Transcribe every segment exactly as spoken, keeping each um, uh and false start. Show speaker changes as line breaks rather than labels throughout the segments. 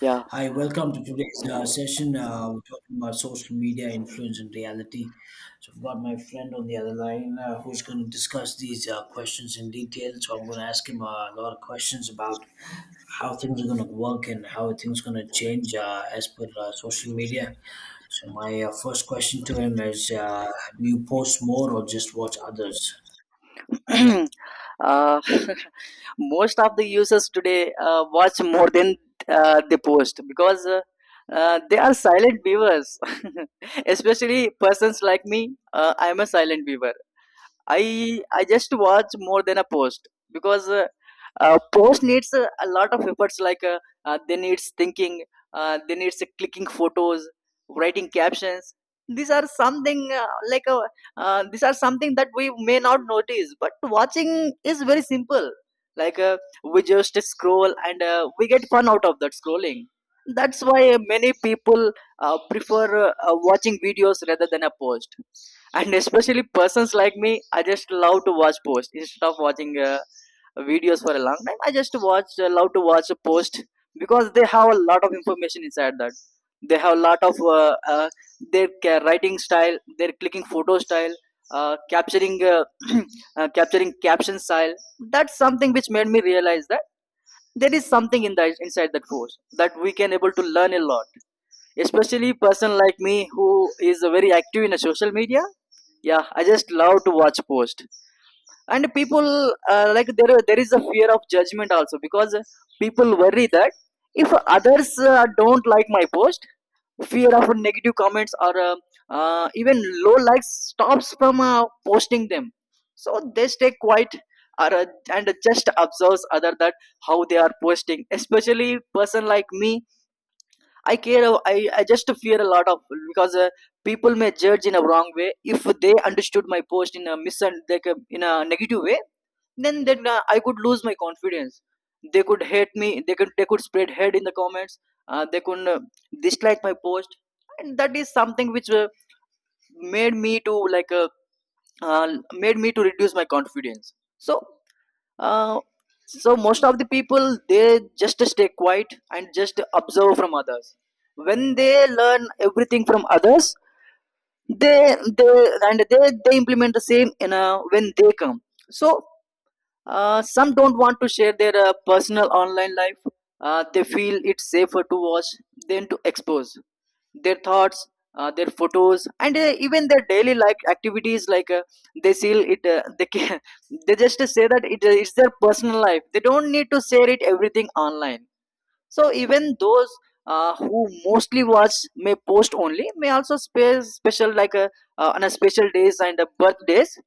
Yeah.
Hi, welcome to today's uh, session. Uh, we're talking about social media influence and reality. So, I've got my friend on the other line uh, who's going to discuss these uh, questions in detail. So, I'm going to ask him uh, a lot of questions about how things are going to work and how things going to change uh, as per uh, social media. So, my uh, first question to him is uh, do you post more or just watch others?
uh, Most of the users today uh, watch more than uh, they post because uh, uh, they are silent viewers. Especially persons like me, uh, I am a silent viewer. I I just watch more than a post because uh, uh, post needs uh, a lot of efforts like uh, uh, they needs thinking, uh, they needs uh, clicking photos, writing captions. These are something uh, like uh, uh, these are something that we may not notice, but watching is very simple. like uh, we just scroll and uh, we get fun out of that scrolling. That's why uh, many people uh, prefer uh, uh, watching videos rather than a post. And especially persons like me, I just love to watch posts instead of watching uh, videos for a long time. I just watch, love to watch a post, because they have a lot of information inside that. They have a lot of uh, uh, their ca- writing style, their clicking photo style, uh, capturing uh, uh, capturing caption style. That's something which made me realize that there is something in that, inside that post, that we can able to learn a lot. Especially person like me who is very active in a social media. Yeah, I just love to watch post. And people, uh, like there there is a fear of judgment also, because people worry that if others uh, don't like my post, fear of negative comments, or uh, uh, even low likes stops from uh, posting them, so they stay quiet or, uh, and just observes other that how they are posting. Especially person like me, i care i, I just fear a lot of, because uh, people may judge in a wrong way. If they understood my post in a mis- in a negative way, then then uh, I could lose my confidence. They could hate me. They could they could spread hate in the comments. Uh, they could uh, dislike my post. And that is something which uh, made me to like uh, uh, made me to reduce my confidence. So uh, so most of the people, they just stay quiet and just observe from others. When they learn everything from others, they they and they they implement the same in a, when they come. So uh, some don't want to share their uh, personal online life. Uh, they feel it's safer to watch than to expose their thoughts, uh, their photos, and uh, even their daily like activities. Like uh, they feel it, uh, they can, they just say that it, uh, it's their personal life. They don't need to share it everything online. So even those uh, who mostly watch may post only may also spare special like uh, uh, on a special days and uh, birthdays.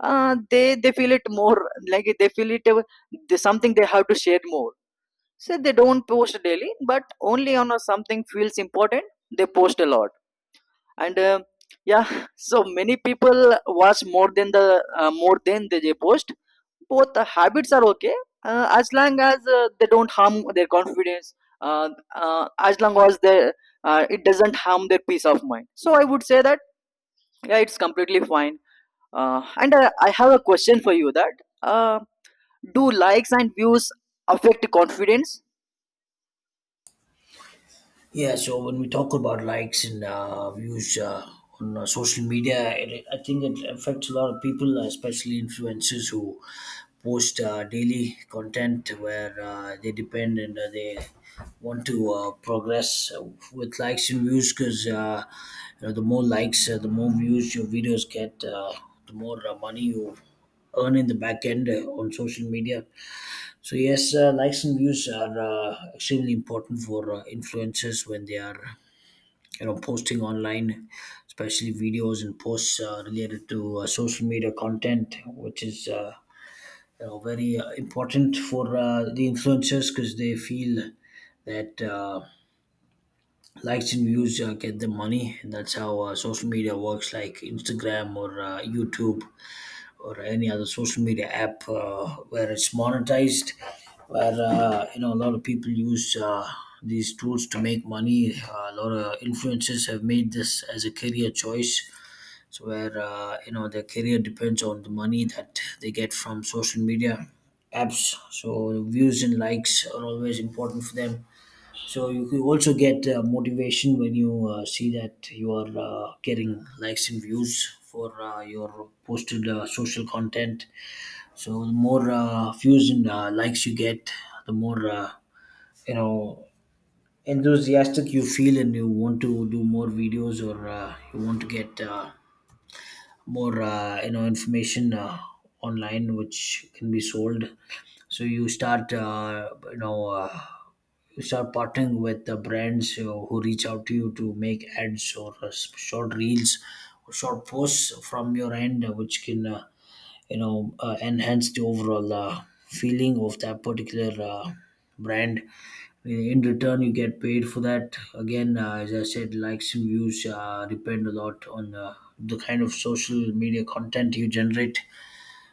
Uh, they they feel it more, like they feel it, uh, they, something they have to share more. So they don't post daily, but only on a something feels important, they post a lot. And uh, yeah, so many people watch more than the uh, more than they they post. Both the habits are okay, uh, as long as uh, they don't harm their confidence, uh, uh, as long as they, uh, it doesn't harm their peace of mind. So I would say that yeah, it's completely fine. Uh, and uh, I have a question for you, that uh, do likes and views affect confidence?
Yeah, so when we talk about likes and uh, views uh, on uh, social media, it, I think it affects a lot of people, uh, especially influencers who post uh, daily content where uh, they depend and uh, they want to uh, progress with likes and views because uh, you know the more likes, uh, the more views your videos get, uh, the more uh, money you earn in the back end uh, on social media. So yes, uh, likes and views are uh, extremely important for uh, influencers when they are, you know, posting online, especially videos and posts uh, related to uh, social media content, which is, uh, you know, very uh, important for uh, the influencers because they feel that uh, likes and views uh, get them money, and that's how uh, social media works, like Instagram or uh, YouTube or any other social media app uh, where it's monetized, where uh, you know a lot of people use uh, these tools to make money. Uh, a lot of influencers have made this as a career choice, so where uh, you know their career depends on the money that they get from social media apps. So views and likes are always important for them, so you can also get uh, motivation when you uh, see that you are uh, getting likes and views for uh, your posted uh, social content. So the more uh, views and uh, likes you get, the more uh, you know enthusiastic you feel, and you want to do more videos or uh, you want to get uh, more uh, you know information uh, online, which can be sold. So you start uh, you know. Uh, you start partnering with the brands, you know, who reach out to you to make ads or uh, s- short reels or short posts from your end, uh, which can uh, you know uh, enhance the overall uh, feeling of that particular uh, brand. In return, you get paid for that. Again, uh, as I said, likes and views uh, depend a lot on uh, the kind of social media content you generate,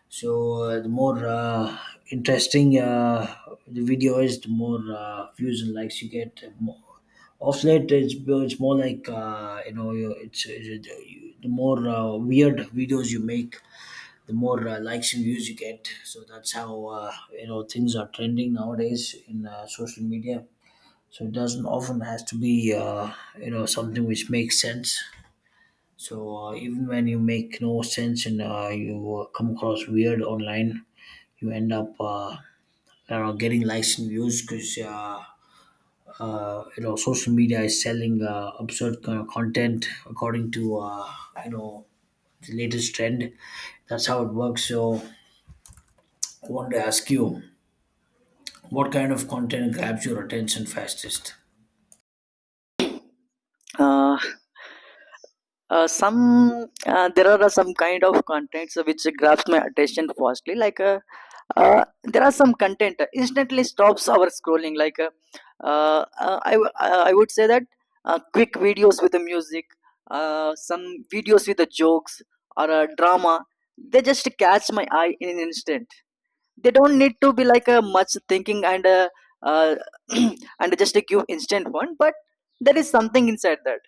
so uh, the more uh, interesting uh, the video is, the more uh, views and likes you get. More. Of late, it's it's more like uh, you know, you- it's, it's the more uh, weird videos you make, the more uh, likes and views you get. So that's how uh, you know things are trending nowadays in uh, social media. So it doesn't often has to be uh, you know something which makes sense. So uh, even when you make no sense and uh, you uh, come across weird online, you end up uh, you know getting likes and views because uh, uh, you know social media is selling uh, absurd kind of content according to uh, you know the latest trend. That's how it works. So I want to ask you, what kind of content grabs your attention fastest?
Uh, uh, some uh, There are some kind of contents which grabs my attention firstly. Like uh, uh, there are some content uh, instantly stops our scrolling. like uh, uh, I, w- uh, I would say that uh, quick videos with the music, uh, some videos with the jokes or a drama, they just catch my eye in an instant. They don't need to be like a much thinking and uh, uh, and just a give instant one, but there is something inside that.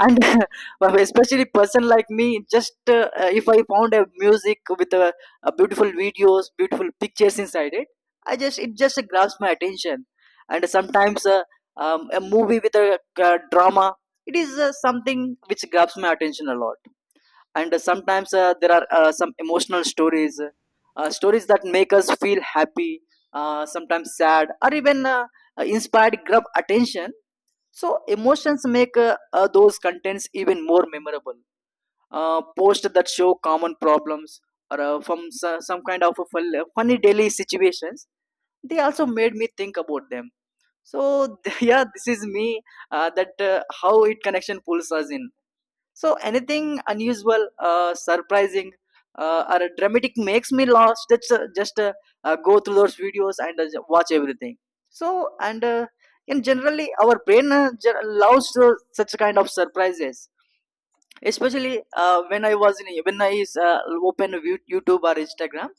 And well, especially person like me just uh, if I found a music with a, a beautiful videos, beautiful pictures inside it, I just it just grabs my attention. And sometimes uh, um, a movie with a uh, drama, it is uh, something which grabs my attention a lot. And uh, sometimes uh, there are uh, some emotional stories, uh, stories that make us feel happy, uh, sometimes sad, or even uh, inspired grab attention. So emotions make uh, uh, those contents even more memorable. Uh, posts that show common problems or uh, from so- some kind of a fun- uh, funny daily situations, they also made me think about them. So yeah, this is me. Uh, that uh, how it connection pulls us in. So anything unusual, uh, surprising, uh, or dramatic makes me lost. That's uh, just uh, uh, go through those videos and uh, watch everything. So, and uh, and generally our brain uh, ge- loves uh, such kind of surprises. Especially uh, when I was in, when I uh, open Yu- YouTube or Instagram,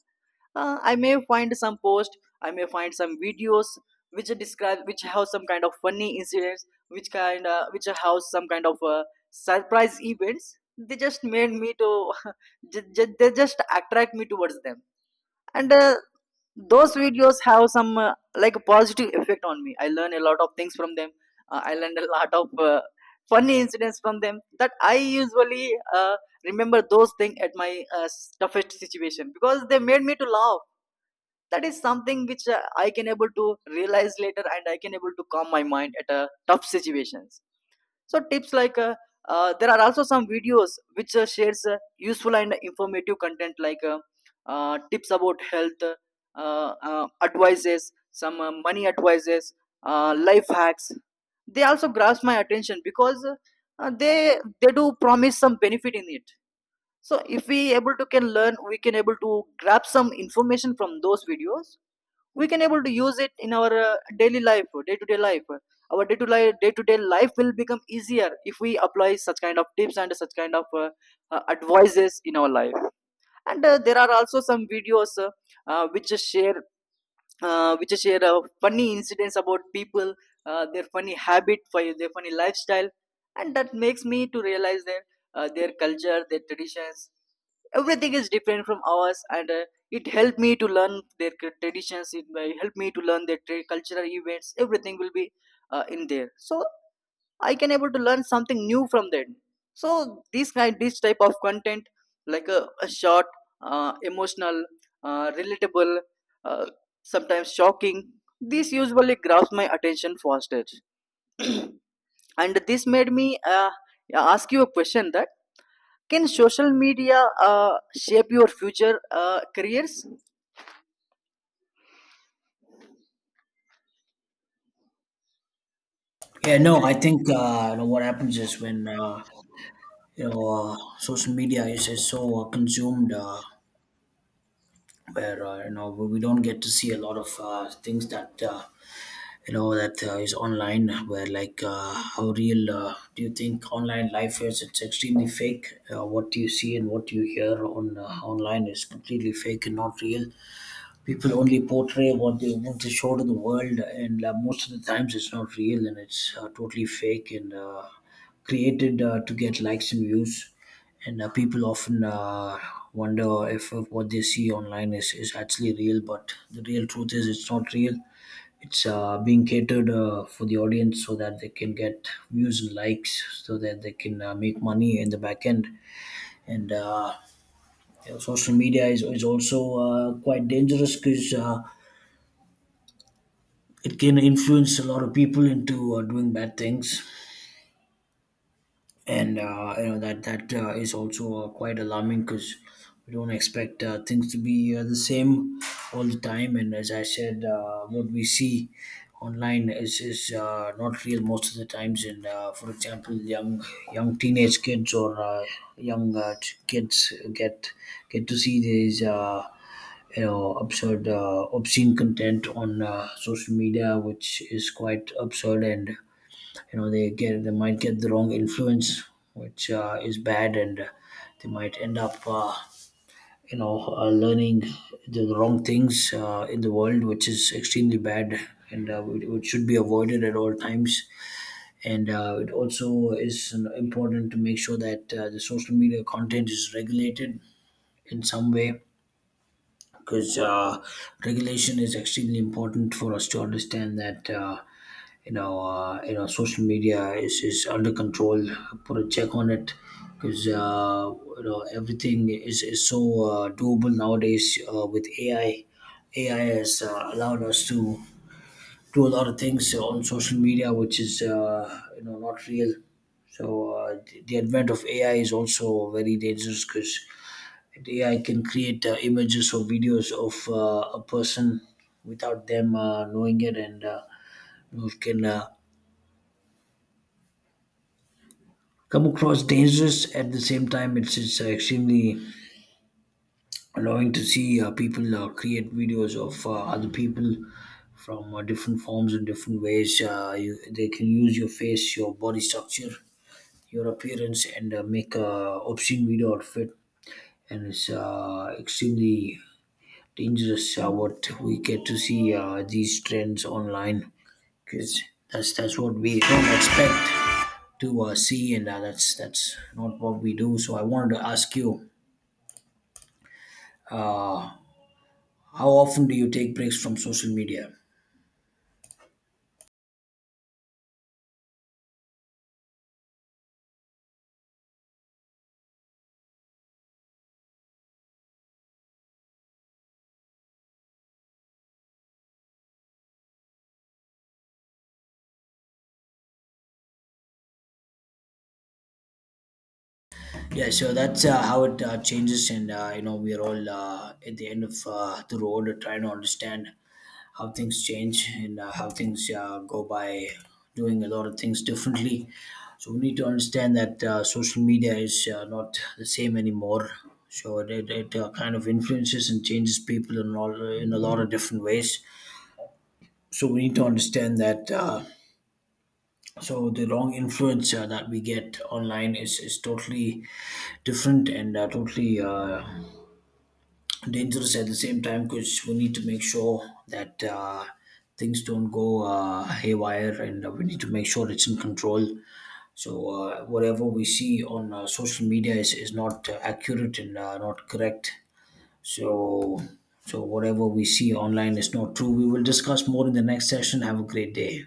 uh, I may find some post, I may find some videos which describe, which have some kind of funny incidents, which kind uh, which have some kind of uh, surprise events. They just made me to ju- ju- they just attract me towards them. And uh, those videos have some, uh, like positive effect on me. I learn a lot of things from them. uh, I learn a lot of uh, funny incidents from them that I usually uh, remember those things at my uh, toughest situation, because they made me to laugh. That is something which uh, I can able to realize later, and I can able to calm my mind at uh, tough situations. So tips like uh, uh, there are also some videos which uh, shares uh, useful and informative content, like uh, uh, tips about health, uh, uh, advices, some uh, money advices, uh, life hacks. They also grasp my attention because uh, they they do promise some benefit in it. So if we able to can learn, we can able to grab some information from those videos. We can able to use it in our uh, daily life, day to day life. Our day to day, day to day life will become easier if we apply such kind of tips and such kind of uh, uh, advices in our life. And uh, there are also some videos uh, uh, which share uh, which share uh, funny incidents about people, uh, their funny habit fi- their funny lifestyle. And that makes me to realize their uh, their culture, their traditions, everything is different from ours. And uh, it helped me to learn their cul- traditions, it may help me to learn their tra- cultural events. Everything will be uh, in there, so I can able to learn something new from them. So this kind this type of content, like a, a short, uh, emotional, uh, relatable, uh, sometimes shocking, this usually grabs my attention faster. And this made me uh, ask you a question, that can social media uh, shape your future uh, careers?
Yeah, no, I think uh, you know what happens is when uh, you know uh, social media is, is so uh, consumed. Uh, where uh, you know we we don't get to see a lot of uh, things that uh, you know that uh, is online, where like uh, how real uh, do you think online life is. It's extremely fake. Uh, what do you see and what you hear on uh, online is completely fake and not real. People only portray what they want to show to the world, and uh, most of the times it's not real, and it's uh, totally fake and uh, created uh, to get likes and views. And uh, people often uh, wonder if, if what they see online is, is actually real, but the real truth is it's not real. It's uh, being catered uh, for the audience so that they can get views and likes, so that they can uh, make money in the back end. And uh, you know, social media is, is also uh, quite dangerous because uh, it can influence a lot of people into uh, doing bad things, and uh, you know that that uh, is also uh, quite alarming, because we don't expect uh, things to be uh, the same all the time, and as I said, uh, what we see online is is uh, not real most of the times. And uh, for example, young young teenage kids or uh, young uh, ch- kids get get to see these uh, you know absurd uh, obscene content on uh, social media, which is quite absurd, and you know they get, they might get the wrong influence, which uh, is bad. And uh, they might end up uh, you know uh, learning the wrong things uh, in the world, which is extremely bad, and uh, it it should be avoided at all times. And uh, it also is important to make sure that uh, the social media content is regulated in some way, because uh, regulation is extremely important for us to understand that uh, you know uh, you know social media is, is under control, put a check on it, because uh, you know everything is, is so uh, doable nowadays uh, with A I. A I has uh, allowed us to do a lot of things on social media which is uh, you know not real. So uh, the the advent of A I is also very dangerous, because A I can create uh, images or videos of uh, a person without them uh, knowing it, and uh, you know, it can uh, come across dangerous. At the same time, it's it's uh, extremely annoying to see uh, people uh, create videos of uh, other people from uh, different forms and different ways. Uh, you, they can use your face, your body structure, your appearance, and uh, make a obscene video out of it, and it's uh, extremely dangerous uh, what we get to see uh, these trends online, because that's that's what we don't expect to uh, see, and uh, that's that's not what we do. So I wanted to ask you, how often do you take breaks from social media? Yeah, so that's uh, how it uh, changes, and uh, you know, we are all uh, at the end of uh, the road, trying to understand how things change and uh, how things uh, go by, doing a lot of things differently. So we need to understand that uh, social media is uh, not the same anymore. So it, it, it uh, kind of influences and changes people in all in a lot of different ways. So we need to understand that. Uh, so the wrong influence uh, that we get online is, is totally different and uh, totally uh, dangerous at the same time, because we need to make sure that uh, things don't go uh, haywire, and uh, we need to make sure it's in control. So, uh, whatever we see on uh, social media is, is not uh, accurate and uh, not correct. So, so, whatever we see online is not true. We will discuss more in the next session. Have a great day.